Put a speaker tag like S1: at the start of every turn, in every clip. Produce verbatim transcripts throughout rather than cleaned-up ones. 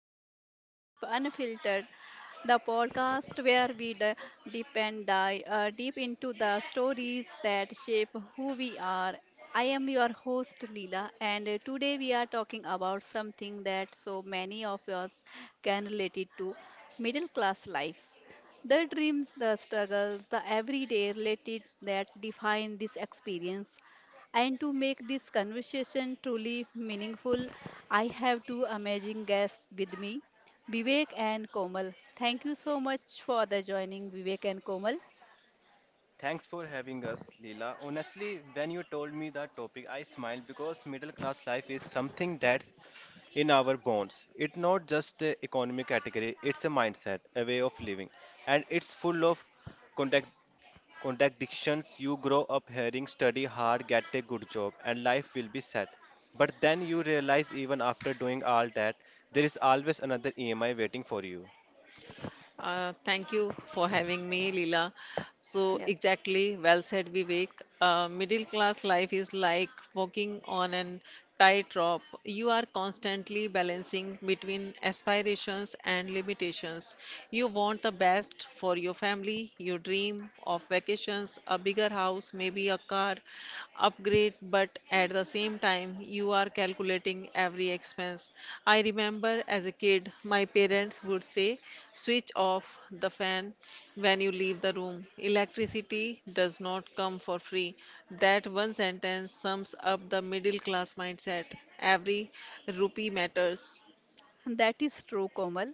S1: welcome to Life Unfiltered, the podcast where we d- deep and dive uh, deep into the stories that shape who we are. I am your host Leela, and uh, today we are talking about something that so many of us can relate to: middle class life. The dreams, the struggles, the everyday related that define this experience. And to make this conversation truly meaningful, I have two amazing guests with me, Vivek and Komal. Thank you so much for the joining Vivek and Komal.
S2: Thanks for having us, Leela. Honestly, when you told me the topic, I smiled because middle class life is something that's in our bones. It's not just an economic category, it's a mindset, a way of living. And it's full of contact contradictions. You grow up hearing study hard, get a good job, and life will be set. But then you realize even after doing all that, there is always another E M I waiting for you.
S3: Uh, thank you for having me, Leela. So,
S1: Yeah,
S3: exactly, well said, Vivek. Uh, middle class life is like walking on an tightrope. You are constantly balancing between aspirations and limitations. You want the best for your family, you dream of vacations, a bigger house, maybe a car, are upgrade, but at the same time you are calculating every expense. I remember as a kid my parents would say switch off the fan when you leave the room. Electricity does not come for free. That one sentence sums up the middle class mindset. Every rupee matters.
S1: and that is true, Komal.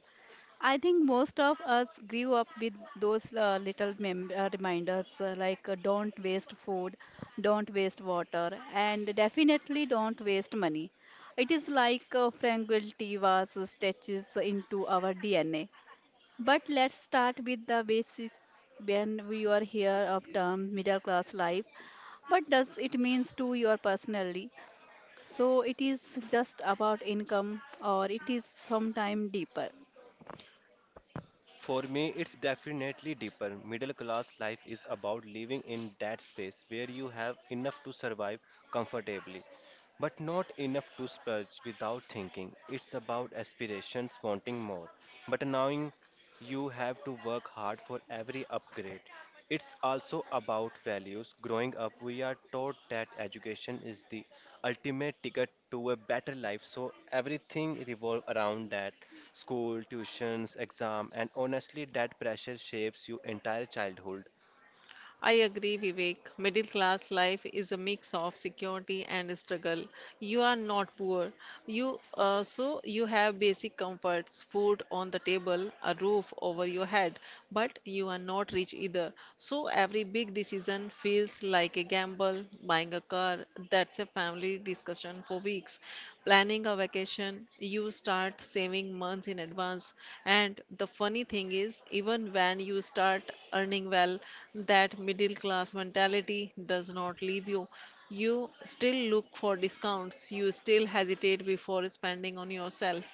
S1: I think most of us grew up with those uh, little mem- uh, reminders uh, like uh, don't waste food, don't waste water, and definitely don't waste money. It is like uh, Frankel T was stretches into our D N A. But let's start with the basics when we are here of term middle class life. What does it means to your personally? So it is just about income or it is sometime deeper,
S2: For me, it's definitely deeper. Middle class life is about living in that space where you have enough to survive comfortably, but not enough to splurge without thinking. It's about aspirations, wanting more, but knowing you have to work hard for every upgrade. It's also about values. Growing up, we are taught that education is the ultimate ticket to a better life, so everything revolves around that. School, tuitions, exam, and honestly, that pressure shapes your entire childhood.
S3: I agree, Vivek. Middle class life is a mix of security and struggle. You are not poor. You uh, so you have basic comforts, food on the table, a roof over your head, but you are not rich either. So every big decision feels like a gamble. Buying a car, that's a family discussion for weeks. Planning a vacation, you start saving months in advance. And the funny thing is, even when you start earning well, that middle class mentality does not leave you. You still look for discounts, you still hesitate before spending on yourself.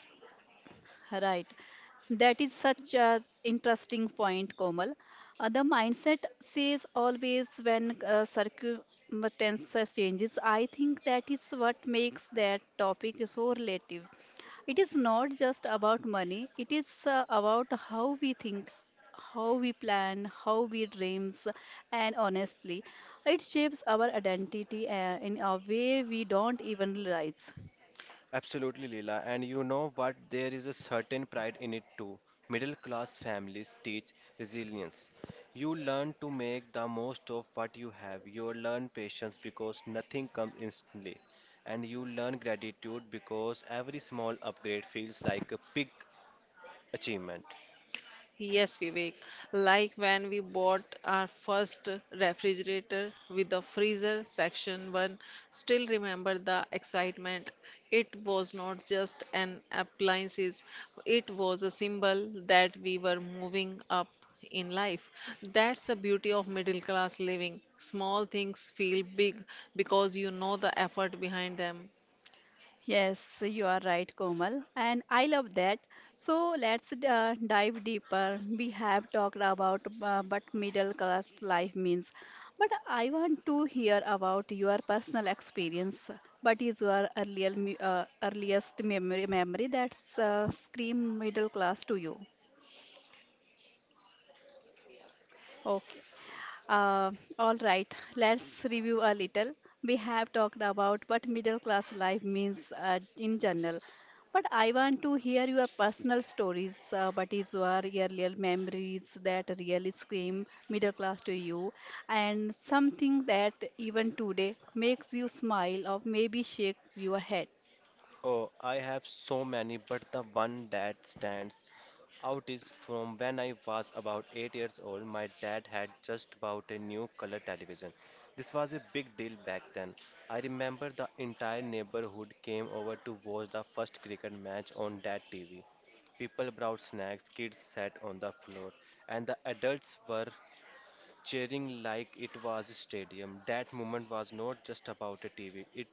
S1: right? That is such an interesting point, Komal. Uh, the mindset says always when uh, circumstances changes. I think that is what makes that topic so relative. It is not just about money, it is uh, about how we think, how we plan, how we dreams, and honestly, it shapes our identity uh, in a way we don't even realize.
S2: Absolutely, Leela. And you know what? There is a certain pride in it too. Middle class families teach resilience. You learn to make the most of what you have. You learn patience because nothing comes instantly. And you learn gratitude because every small upgrade feels like a big achievement.
S3: Yes, Vivek. Like when we bought our first refrigerator with the freezer section one, still remember the excitement. It was not just an appliances, it was a symbol that we were moving up in life. That's the beauty of middle class living. Small things feel big because you know the effort behind them.
S1: Yes, you are right, Komal, and I love that. So let's uh, dive deeper. We have talked about uh, what middle class life means, but I want to hear about your personal experience. What is your earlier, me- uh, earliest memory, memory that's uh, scream middle class to you? Okay. Uh, all right, let's review a little. We have talked about what middle class life means uh, in general, but I want to hear your personal stories. Uh, what is your real memories that really scream middle class to you, and something that even today makes you smile or maybe shakes your head?
S2: Oh, I have so many, but the one that stands out is from when I was about eight years old. My dad had just bought a new color television. This was a big deal back then. I remember the entire neighborhood came over to watch the first cricket match on that T V. People brought snacks, kids sat on the floor, and the adults were cheering like it was a stadium. That moment was not just about a T V, it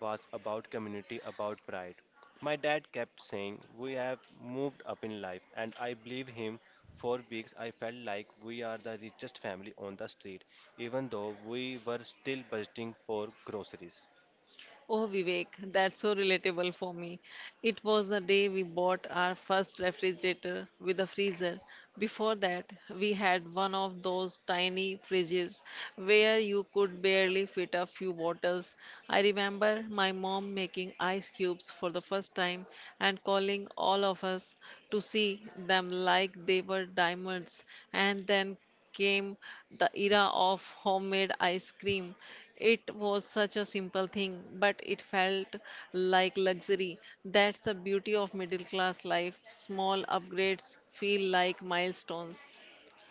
S2: was about community, about pride. My dad kept saying, "We have moved up in life," and I believe him. For weeks, I felt like we are the richest family on the street, even though we were still budgeting for groceries.
S3: Oh, Vivek, that's so relatable for me. It was the day we bought our first refrigerator with a freezer. Before that, we had one of those tiny fridges where you could barely fit a few bottles. I remember my mom making ice cubes for the first time and calling all of us to see them like they were diamonds. And then came the era of homemade ice cream. It was such a simple thing, but it felt like luxury. That's the beauty of middle class life. Small upgrades feel like milestones.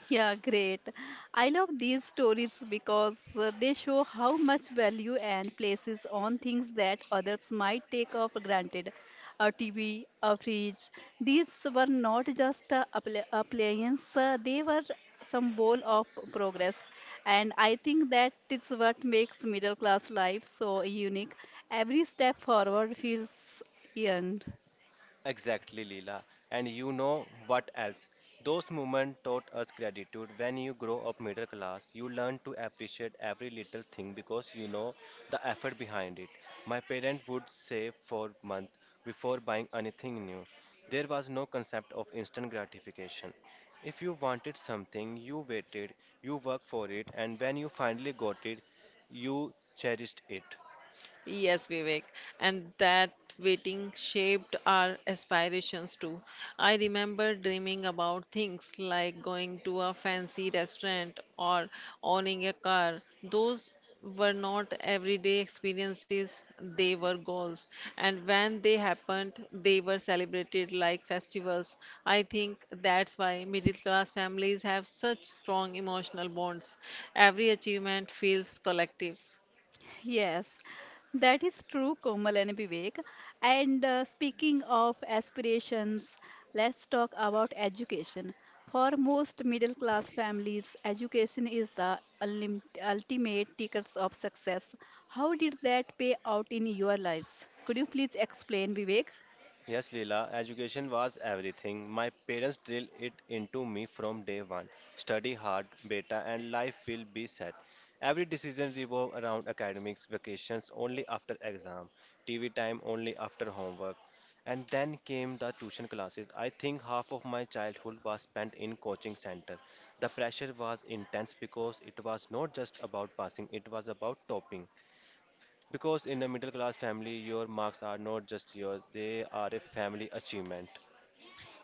S1: Yeah, great. I love these stories because uh, they show how much value and places on things that others might take for granted. A T V, a fridge. These were not just uh, appli- appliance, uh, they were symbol of progress. And I think that is what makes middle class life so unique. Every step forward feels earned.
S2: Exactly, Leela. And you know what else? Those moments taught us gratitude. When you grow up middle class, you learn to appreciate every little thing because you know the effort behind it. My parents would save for months before buying anything new. There was no concept of instant gratification. If you wanted something, you waited, you worked for it, and when you finally got it, you cherished it.
S3: Yes, Vivek, and that waiting shaped our aspirations too. I remember dreaming about things like going to a fancy restaurant or owning a car. Those were not everyday experiences, they were goals. And when they happened, they were celebrated like festivals. I think that's why middle class families have such strong emotional bonds. Every achievement feels collective.
S1: Yes, that is true, Komal and Vivek. And uh, speaking of aspirations, let's talk about education. For most middle class families, education is the ulim- ultimate tickets of success. How did that pay out in your lives? Could you please explain, Vivek?
S2: Yes, Leela, education was everything. My parents drilled it into me from day one. Study hard, beta, and life will be set. Every decision revolved around academics, vacations only after exam, T V time only after homework. And then came the tuition classes. I think half of my childhood was spent in coaching center. The pressure was intense because it was not just about passing, it was about topping. Because in a middle class family, your marks are not just yours, they are a family achievement.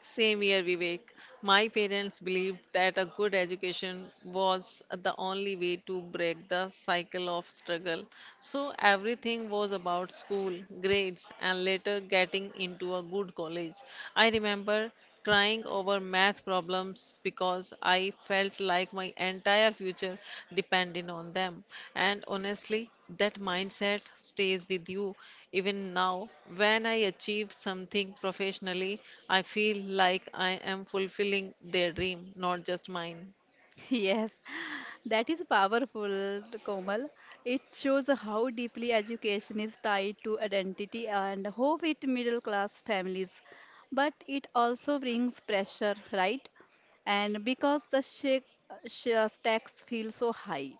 S3: Same year, Vivek. My parents believed that a good education was the only way to break the cycle of struggle. So everything was about school, grades, and later getting into a good college. I remember crying over math problems because I felt like my entire future depended on them. And honestly, that mindset stays with you even now. When I achieve something professionally, I feel like I am fulfilling their dream, not just mine.
S1: Yes, that is powerful, Komal. It shows how deeply education is tied to identity and hope with middle class families. But it also brings pressure, right? And because the shake, sh- stacks feel so high.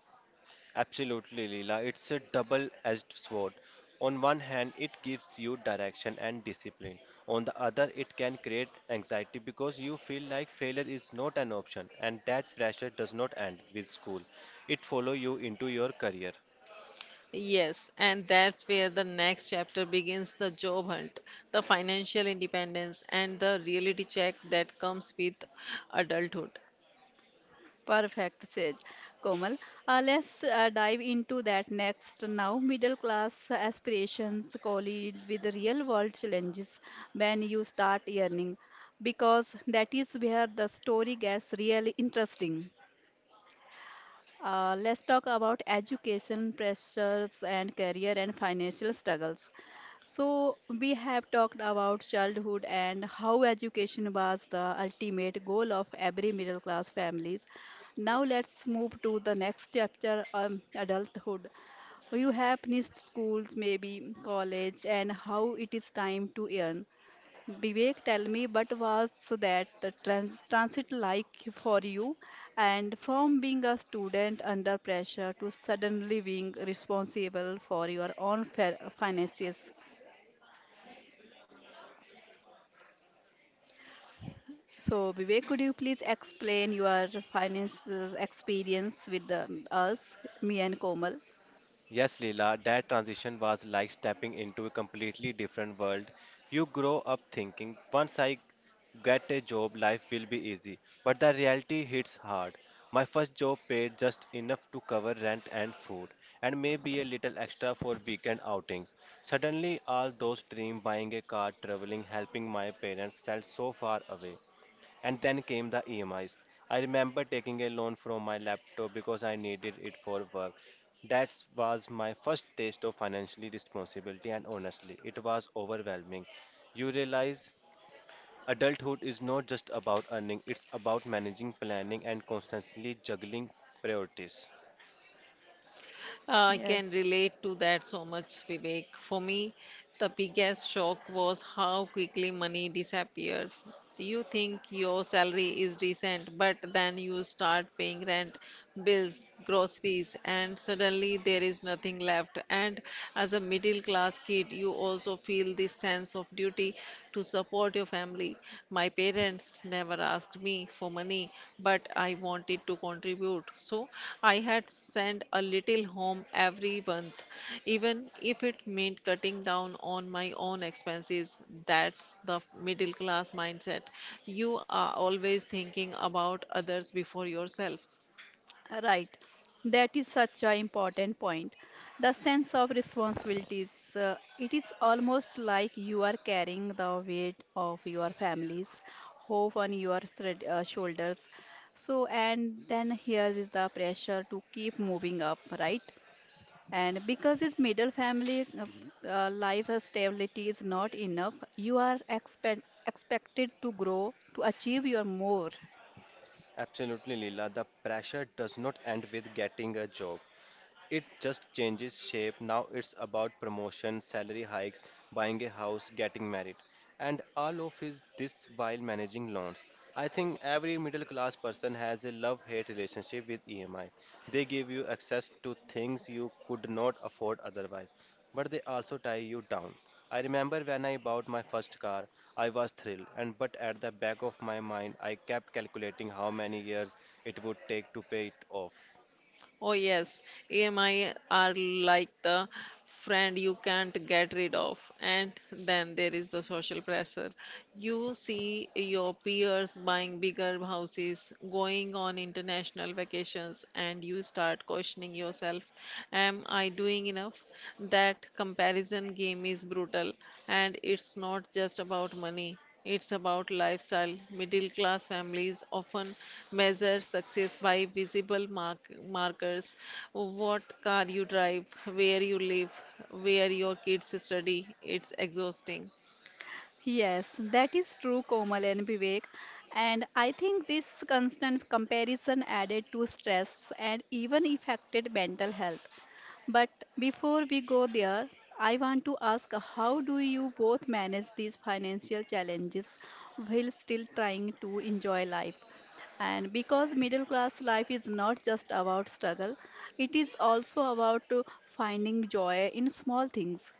S2: Absolutely, Leela. It's a double edged sword. On one hand, it gives you direction and discipline. On the other, it can create anxiety because you feel like failure is not an option, and that pressure does not end with school. It follows you into your career.
S3: Yes, and that's where the next chapter begins: the job hunt, the financial independence, and the reality check that comes with adulthood.
S1: Perfect, says Komal. Uh, let's uh, dive into that next. Now, middle class aspirations collide with the real world challenges when you start earning, because that is where the story gets really interesting. Uh, let's talk about education pressures and career and financial struggles. So, we have talked about childhood and how education was the ultimate goal of every middle class families. Now, let's move to the next chapter, um, adulthood. You have finished schools, maybe college, and how it is time to earn. Vivek, tell me, but was that trans transit like for you? And from being a student under pressure to suddenly being responsible for your own fi- finances. So, Vivek, could you please explain your finances experience with the, us, me and Komal?
S2: Yes, Leela, that transition was like stepping into a completely different world. You grow up thinking, once I get a job, life will be easy. But the reality hits hard. My first job paid just enough to cover rent and food, and maybe a little extra for weekend outings. Suddenly, all those dreams buying a car, traveling, helping my parents felt so far away. And then came the E M Is. I remember taking a loan from my laptop because I needed it for work. That was my first taste of financially responsibility, and honestly, it was overwhelming. You realize adulthood is not just about earning, it's about managing, planning, and constantly juggling priorities.
S3: Uh, I can
S1: Yes.
S3: relate to that so much, Vivek. For me, the biggest shock was how quickly money disappears. You think your salary is decent, but then you start paying rent, bills, groceries, and suddenly there is nothing left. And as a middle class kid, you also feel this sense of duty to support your family. My parents never asked me for money, but I wanted to contribute. So I had sent a little home every month, even if it meant cutting down on my own expenses. That's the middle class mindset. You are always thinking about others before yourself.
S1: Right. That is such an important point. The sense of responsibilities. Uh, it is almost like you are carrying the weight of your family's hope on your thread, uh, shoulders. So, and then here is the pressure to keep moving up, right? And because this middle family uh, uh, life stability is not enough, you are expect, expected to grow, to achieve your more.
S2: Absolutely, Leela. The pressure does not end with getting a job. It just changes shape. Now it's about promotion, salary hikes, buying a house, getting married, and all of his this while managing loans. I think every middle class person has a love-hate relationship with E M I. They give you access to things you could not afford otherwise, but they also tie you down. I remember when I bought my first car, I was thrilled, and but at the back of my mind, I kept calculating how many years it would take to pay it off.
S3: Oh, yes, E M I are like the friend you can't get rid of. And then there is the social pressure. You see your peers buying bigger houses, going on international vacations, and you start questioning yourself, am I doing enough? That comparison game is brutal, and it's not just about money. It's about lifestyle. Middle class families often measure success by visible mark- markers, what car you drive, where you live, where your kids study. It's exhausting.
S1: Yes, that is true, Komal and Vivek. And I think this constant comparison added to stress and even affected mental health. But before we go there, I want to ask how do you both manage these financial challenges while still trying to enjoy life? And because middle class life is not just about struggle, it is also about uh, finding joy in small things.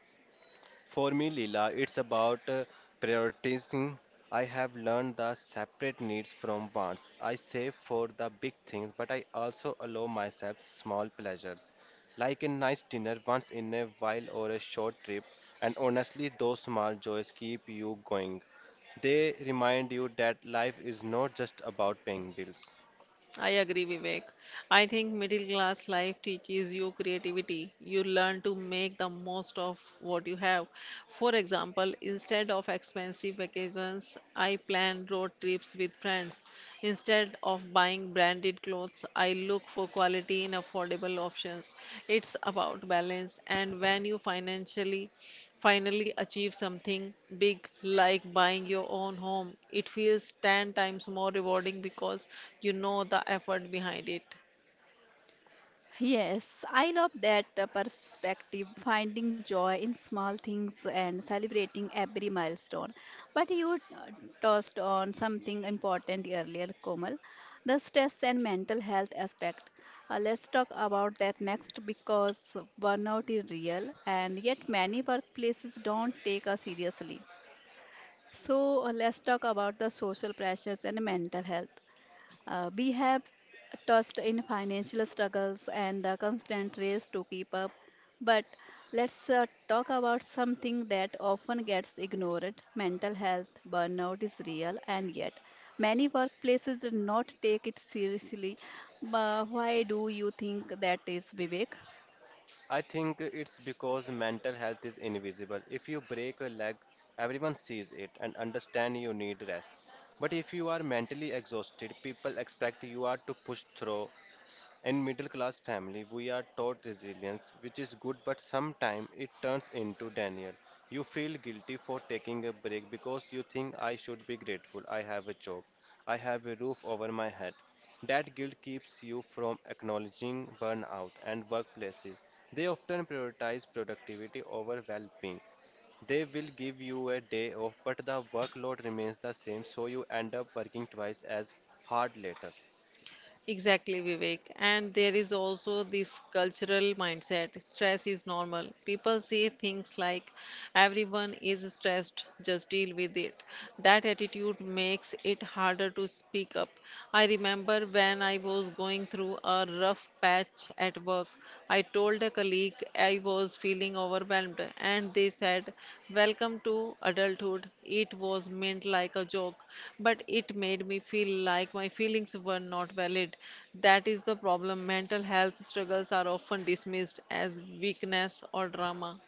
S2: For me, Leela, it's about uh, prioritizing. I have learned the separate needs from wants. I save for the big things, but I also allow myself small pleasures, like a nice dinner once in a while or a short trip. And honestly, those small joys keep you going. They remind you that life is not just about paying bills.
S3: I agree, Vivek. I think middle class life teaches you creativity. You learn to make the most of what you have. For example, instead of expensive vacations, I plan road trips with friends. Instead of buying branded clothes, clothes, I look for quality in affordable options. It's about balance, and when you financially finally achieve something big like buying your own home, it feels ten times more rewarding because you know the effort behind it.
S1: Yes, I love that uh, perspective, finding joy in small things and celebrating every milestone. But you uh, touched on something important earlier, Komal, the stress and mental health aspect. Uh, let's talk about that next because burnout is real and yet many workplaces don't take us seriously. So, uh, let's talk about the social pressures and mental health. Uh, we have tossed in financial struggles and the constant race to keep up. But let's uh, talk about something that often gets ignored mental health burnout is real, and yet many workplaces do not take it seriously. But why do you think that is, Vivek?
S2: I think it's because mental health is invisible. If you break a leg, everyone sees it and understand you need rest. But if you are mentally exhausted, people expect you are to push through in middle class family, we are taught resilience, which is good, but sometimes it turns into Daniel. You feel guilty for taking a break because you think I should be grateful. I have a job. I have a roof over my head. That guilt keeps you from acknowledging burnout and workplaces. They often prioritize productivity over well-being. They will give you a day off, but the workload remains the same, so you end up working twice as hard later.
S3: Exactly, Vivek. And there is also this cultural mindset. Stress is normal. People say things like, everyone is stressed, just deal with it. That attitude makes it harder to speak up. I remember when I was going through a rough patch at work, work. I told a colleague I was feeling overwhelmed, and they said, welcome to adulthood. It was meant like a joke, but it made me feel like my feelings were not valid. That is the problem. Mental health struggles are often dismissed as weakness or drama.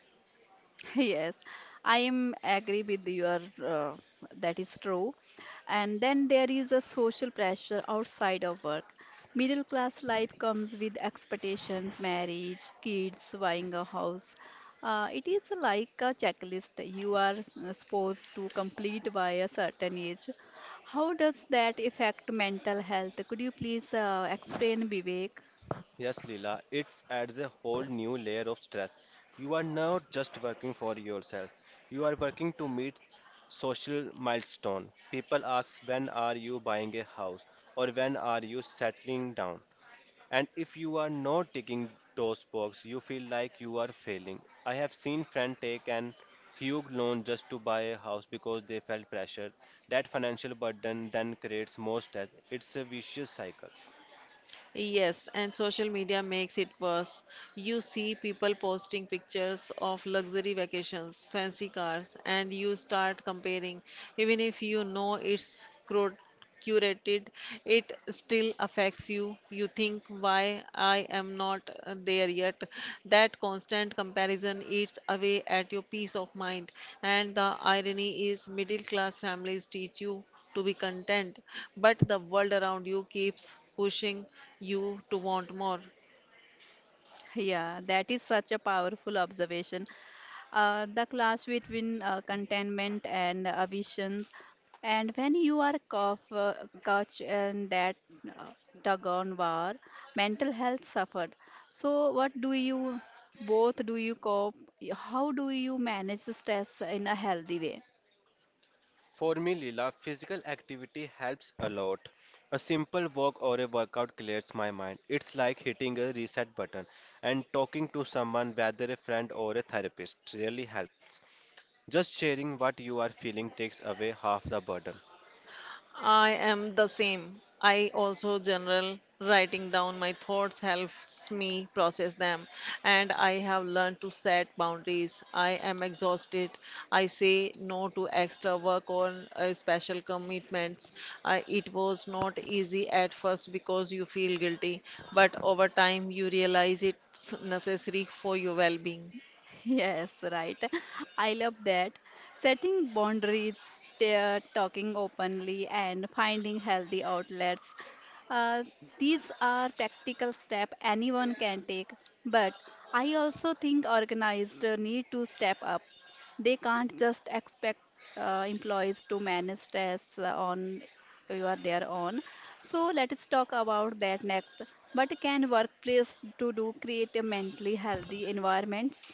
S1: Yes, I am agree with your uh, that is true. And then there is a social pressure outside of work. Middle class life comes with expectations, marriage, kids, buying a house. Uh, it is like a checklist you are s- uh, supposed to complete by a certain age. How does that affect mental health? Could you please uh, explain, Vivek?
S2: Yes, Leela, it adds a whole new layer of stress. You are not just working for yourself, you are working to meet social milestone. People ask when are you buying a house or when are you settling down? And if you are not ticking those boxes, you feel like you are failing. I have seen friends take an huge loan just to buy a house because they felt pressure. That financial burden then creates more stress. It's a vicious cycle.
S3: Yes, and social media makes it worse. You see people posting pictures of luxury vacations, fancy cars, and you start comparing. Even if you know it's cro- curated, it still affects you. You think, why I am not uh, there yet. That constant comparison eats away at your peace of mind. And the irony is, middle class families teach you to be content, but the world around you keeps pushing you to want more.
S1: Yeah, that is such a powerful observation. Uh, the clash between uh, contentment and ambitions, and when you are caught, uh, caught in that uh, tug on war, mental health suffered. So, what do you both do you cope? How do you manage the stress in a healthy way?
S2: For me, Leela, physical activity helps a lot. A simple walk or a workout clears my mind. It's like hitting a reset button and talking to someone, whether a friend or a therapist, really helps. Just sharing what you are feeling takes away half the burden.
S3: I am the same. I also journal, writing down my thoughts helps me process them, and I have learned to set boundaries. I am exhausted. I say no to extra work or uh, special commitments. I, it was not easy at first because you feel guilty, but over time you realize it's necessary for your well-being.
S1: Yes, right. I love that. Setting boundaries, ta- talking openly, and finding healthy outlets. Uh, these are practical steps anyone can take. But I also think organized need to step up. They can't just expect uh, employees to manage stress uh, on you are their own. So let's talk about that next. But can workplace to do create a mentally healthy environments?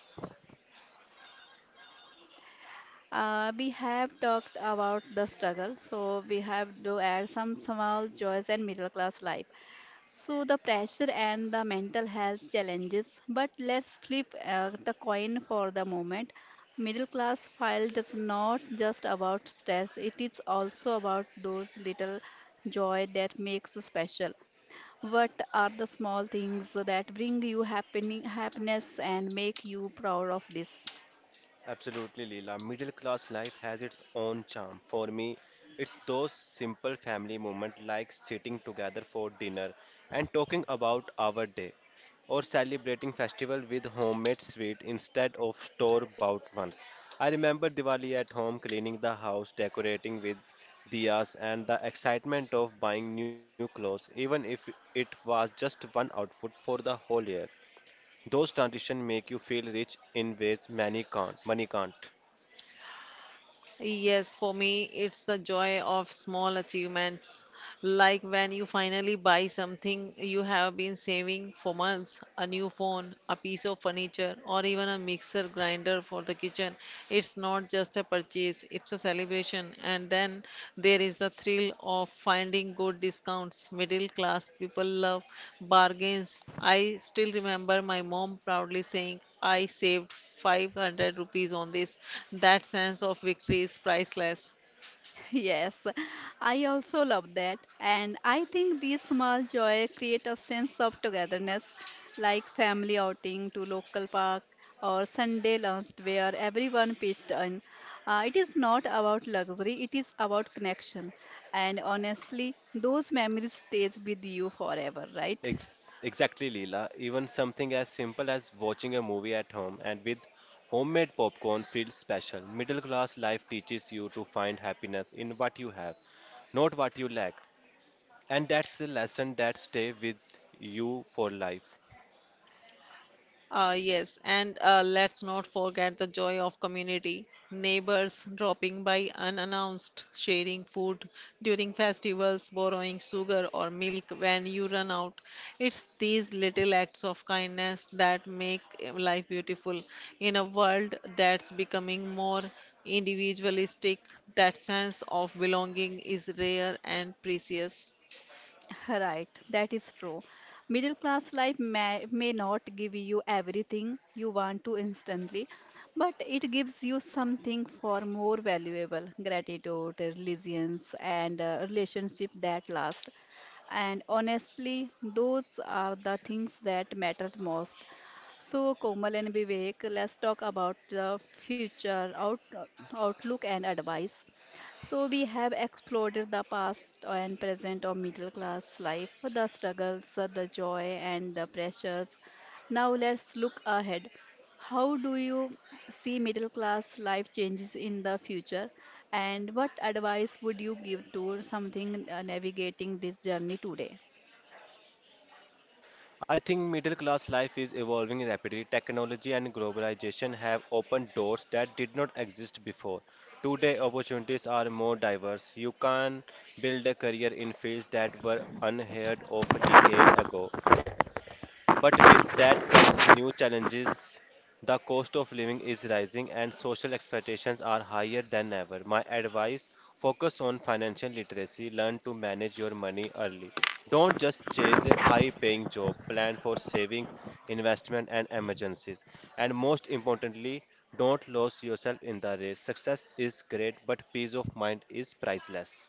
S1: Uh, we have talked about the struggle, so we have to add some small joys and middle class life. So the pressure and the mental health challenges. But let's flip uh, the coin for the moment. Middle class file is not just about stress; it is also about those little joy that makes you special. What are the small things that bring you happening happiness and make you proud of this?
S2: Absolutely, Leela. Middle class life has its own charm. For me, it's those simple family moments like sitting together for dinner and talking about our day, or celebrating festival with homemade sweet instead of store-bought ones. I remember Diwali at home, cleaning the house, decorating with diyas, and the excitement of buying new clothes, even if it was just one outfit for the whole year. Those transitions make you feel rich in ways many can't, money can't.
S3: Yes, for me, it's the joy of small achievements, like when you finally buy something you have been saving for months, a new phone, a piece of furniture, or even a mixer grinder for the kitchen. It's not just a purchase, it's a celebration. And then there is the thrill of finding good discounts. Middle class people love bargains. I still remember my mom proudly saying, I saved five hundred rupees on this. That sense of victory is priceless.
S1: Yes, I also love that. And I think these small joy create a sense of togetherness, like family outing to local park or Sunday lunch where everyone pitched in. Uh, it is not about luxury, it is about connection. And honestly, those memories stays with you forever, right?
S2: Ex- exactly, Leela. Even something as simple as watching a movie at home and with homemade popcorn feels special. Middle class life teaches you to find happiness in what you have, not what you lack. And that's a lesson that stays with you for life.
S3: Uh, yes, and uh, let's not forget the joy of community. Neighbors dropping by unannounced, sharing food during festivals, borrowing sugar or milk when you run out. It's these little acts of kindness that make uh, life beautiful. In a world that's becoming more individualistic, that sense of belonging is rare and precious.
S1: Right, that is true. Middle class life may, may not give you everything you want to instantly, but it gives you something far more valuable gratitude, resilience, and uh, relationship that last. And honestly, those are the things that matter most. So, Komal and Vivek, let's talk about the future out, outlook and advice. So we have explored the past and present of middle class life, the struggles, the joy and the pressures. Now let's look ahead. How do you see middle class life changes in the future and what advice would you give to something uh, navigating this journey today?
S2: I think middle class life is evolving rapidly. Technology and globalization have opened doors that did not exist before. Today, opportunities are more diverse. You can build a career in fields that were unheard of a decade ago. But with that comes new challenges. The cost of living is rising and social expectations are higher than ever. My advice focus on financial literacy, learn to manage your money early. Don't just chase a high paying job, plan for savings, investment, and emergencies. And most importantly, don't lose yourself in the race. Success is great, but peace of mind is priceless.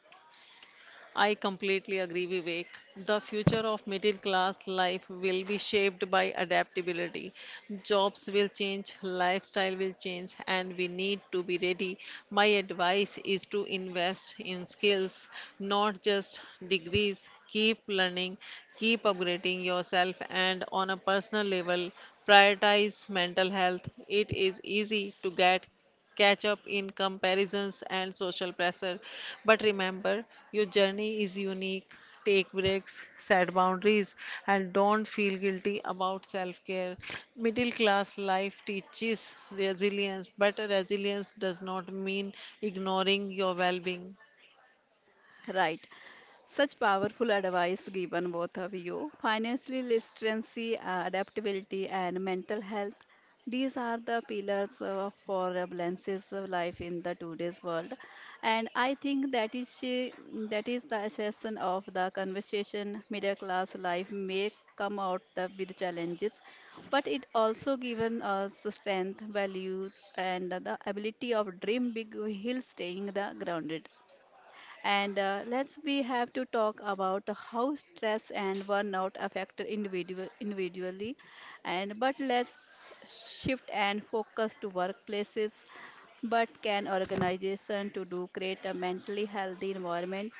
S3: I completely agree, Vivek. The future of middle class life will be shaped by adaptability. Jobs will change, lifestyle will change, and we need to be ready. My advice is to invest in skills, not just degrees. Keep learning, keep upgrading yourself, and on a personal level, prioritize mental health. It is easy to get catch up in comparisons and social pressure. But remember, your journey is unique. Take breaks, set boundaries, and don't feel guilty about self care. Middle class life teaches resilience, but resilience does not mean ignoring your well being.
S1: Right. Such powerful advice given both of you. Financial literacy, uh, adaptability, and mental health. These are the pillars uh, for uh, Blance's uh, life in the today's world, and I think that is she, that is the essence of the conversation. Middle class life may come out the, with challenges, but it also given us strength, values, and the ability of dream big while staying the grounded. And uh, let's we have to talk about how stress and burnout affect individual individually. And but let's shift and focus to workplaces. But can organization to do create a mentally healthy environment?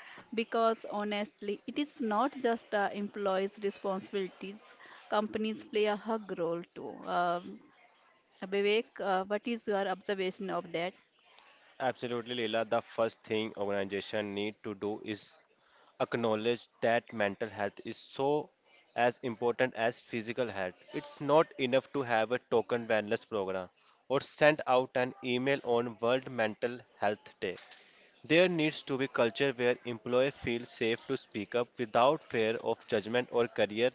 S1: Because honestly, it is not just uh, employees' responsibilities. Companies play a hug role too. Um, Vivek, uh, what is your observation of that?
S2: Absolutely, Leela. The first thing organization need to do is acknowledge that mental health is so as important as physical health. It's not enough to have a token wellness program or send out an email on World Mental Health Day. There needs to be culture where employees feel safe to speak up without fear of judgment or career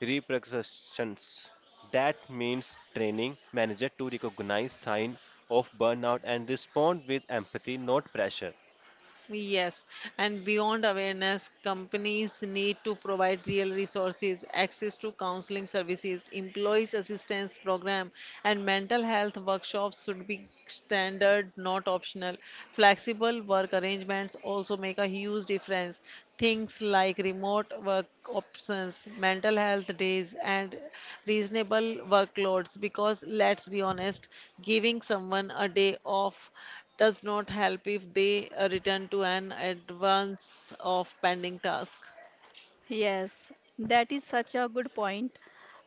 S2: repercussions. That means training manager to recognize sign of burnout and respond with empathy, not pressure.
S3: Yes, and beyond awareness, companies need to provide real resources, access to counseling services, employees assistance program, and mental health workshops should be standard, not optional. Flexible work arrangements also make a huge difference. Things like remote work options, mental health days, and reasonable workloads. Because let's be honest, giving someone a day off does not help if they uh, return to an advance of pending task.
S1: Yes, that is such a good point.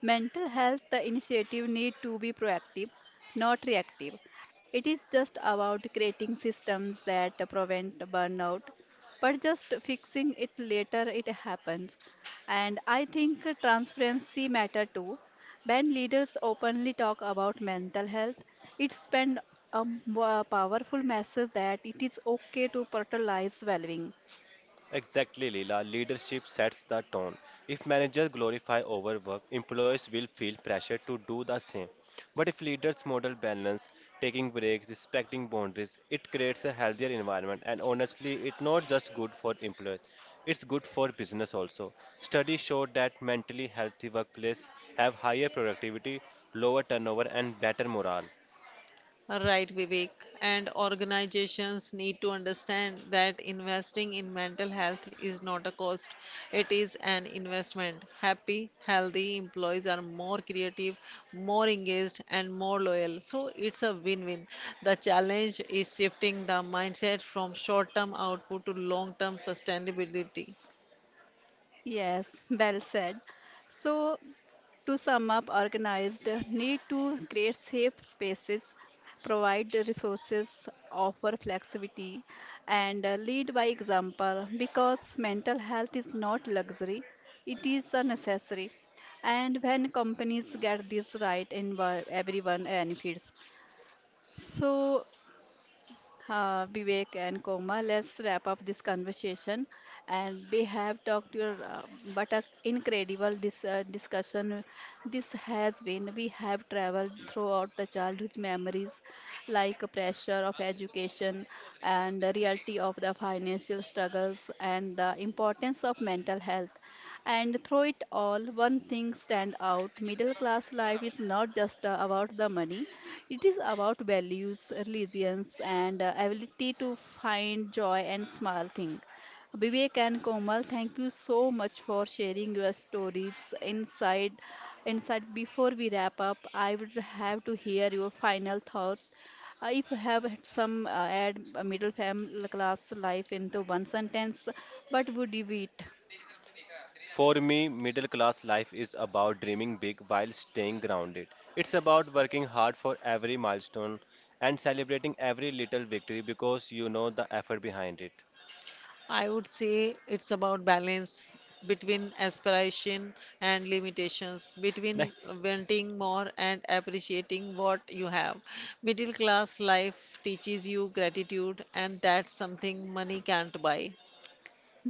S1: Mental health the initiative need to be proactive, not reactive. It is just about creating systems that prevent burnout, but just fixing it later it happens. And I think transparency matter too. When leaders openly talk about mental health, it send a m- a powerful message that it is okay to prioritize well-being.
S2: Exactly, Leela. Leadership sets the tone. If managers glorify overwork, employees will feel pressure to do the same. But if leaders model balance, taking breaks, respecting boundaries, it creates a healthier environment. And honestly, it's not just good for employees, it's good for business also. Studies show that mentally healthy workplaces have higher productivity, lower turnover, and better morale.
S3: Right, Vivek. And organizations need to understand that investing in mental health is not a cost, it is an investment. Happy, healthy employees are more creative, more engaged, and more loyal. So it's a win win. The challenge is shifting the mindset from short term output to long term sustainability.
S1: Yes, well said. So to sum up, organized need to create safe spaces, provide the resources, offer flexibility, and uh, lead by example because mental health is not luxury, it is a necessary. And when companies get this right, envi- everyone benefits. So, uh, Vivek and Koma. Let's wrap up this conversation. And we have talked your uh, but a incredible dis- uh, discussion. This has been we have traveled throughout the childhood memories, like a pressure of education and the reality of the financial struggles and the importance of mental health. And through it all, one thing stand out: middle class life is not just uh, about the money. It is about values, religions, and uh, ability to find joy and small thing. Vivek and Komal, thank you so much for sharing your stories inside. Inside, before we wrap up, I would have to hear your final thought. Uh, if you have had some uh, add a middle fam- class life into one sentence, what would you be? It?
S2: For me, middle class life is about dreaming big while staying grounded. It's about working hard for every milestone and celebrating every little victory because you know the effort behind it.
S3: I would say it's about balance between aspiration and limitations,
S2: Nahi,
S3: between wanting more and appreciating what you have. Middle class life teaches you gratitude, and that's something money can't buy.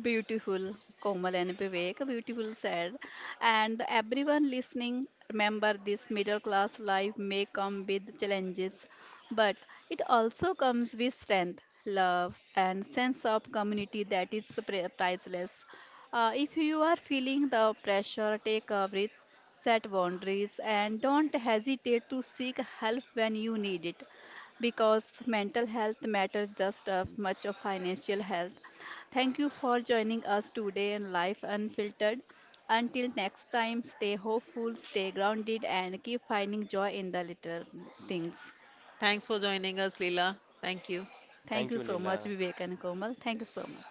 S1: Beautiful, Komal and Vivek, beautiful said. And everyone listening, remember this middle class life may come with challenges, but it also comes with strength, love, and sense of community that is pri- priceless. Uh, if you are feeling the pressure, take a breath, set boundaries, and don't hesitate to seek help when you need it because mental health matters just as much of financial health. Thank you for joining us today in Life Unfiltered. Until next time, stay hopeful, stay grounded, and keep finding joy in the little things.
S3: Thanks for joining us, Leela. Thank you.
S1: Thank
S2: thank
S1: you
S2: you,
S1: so much,
S2: Leela.
S1: Vivek and Komal. Thank you so much.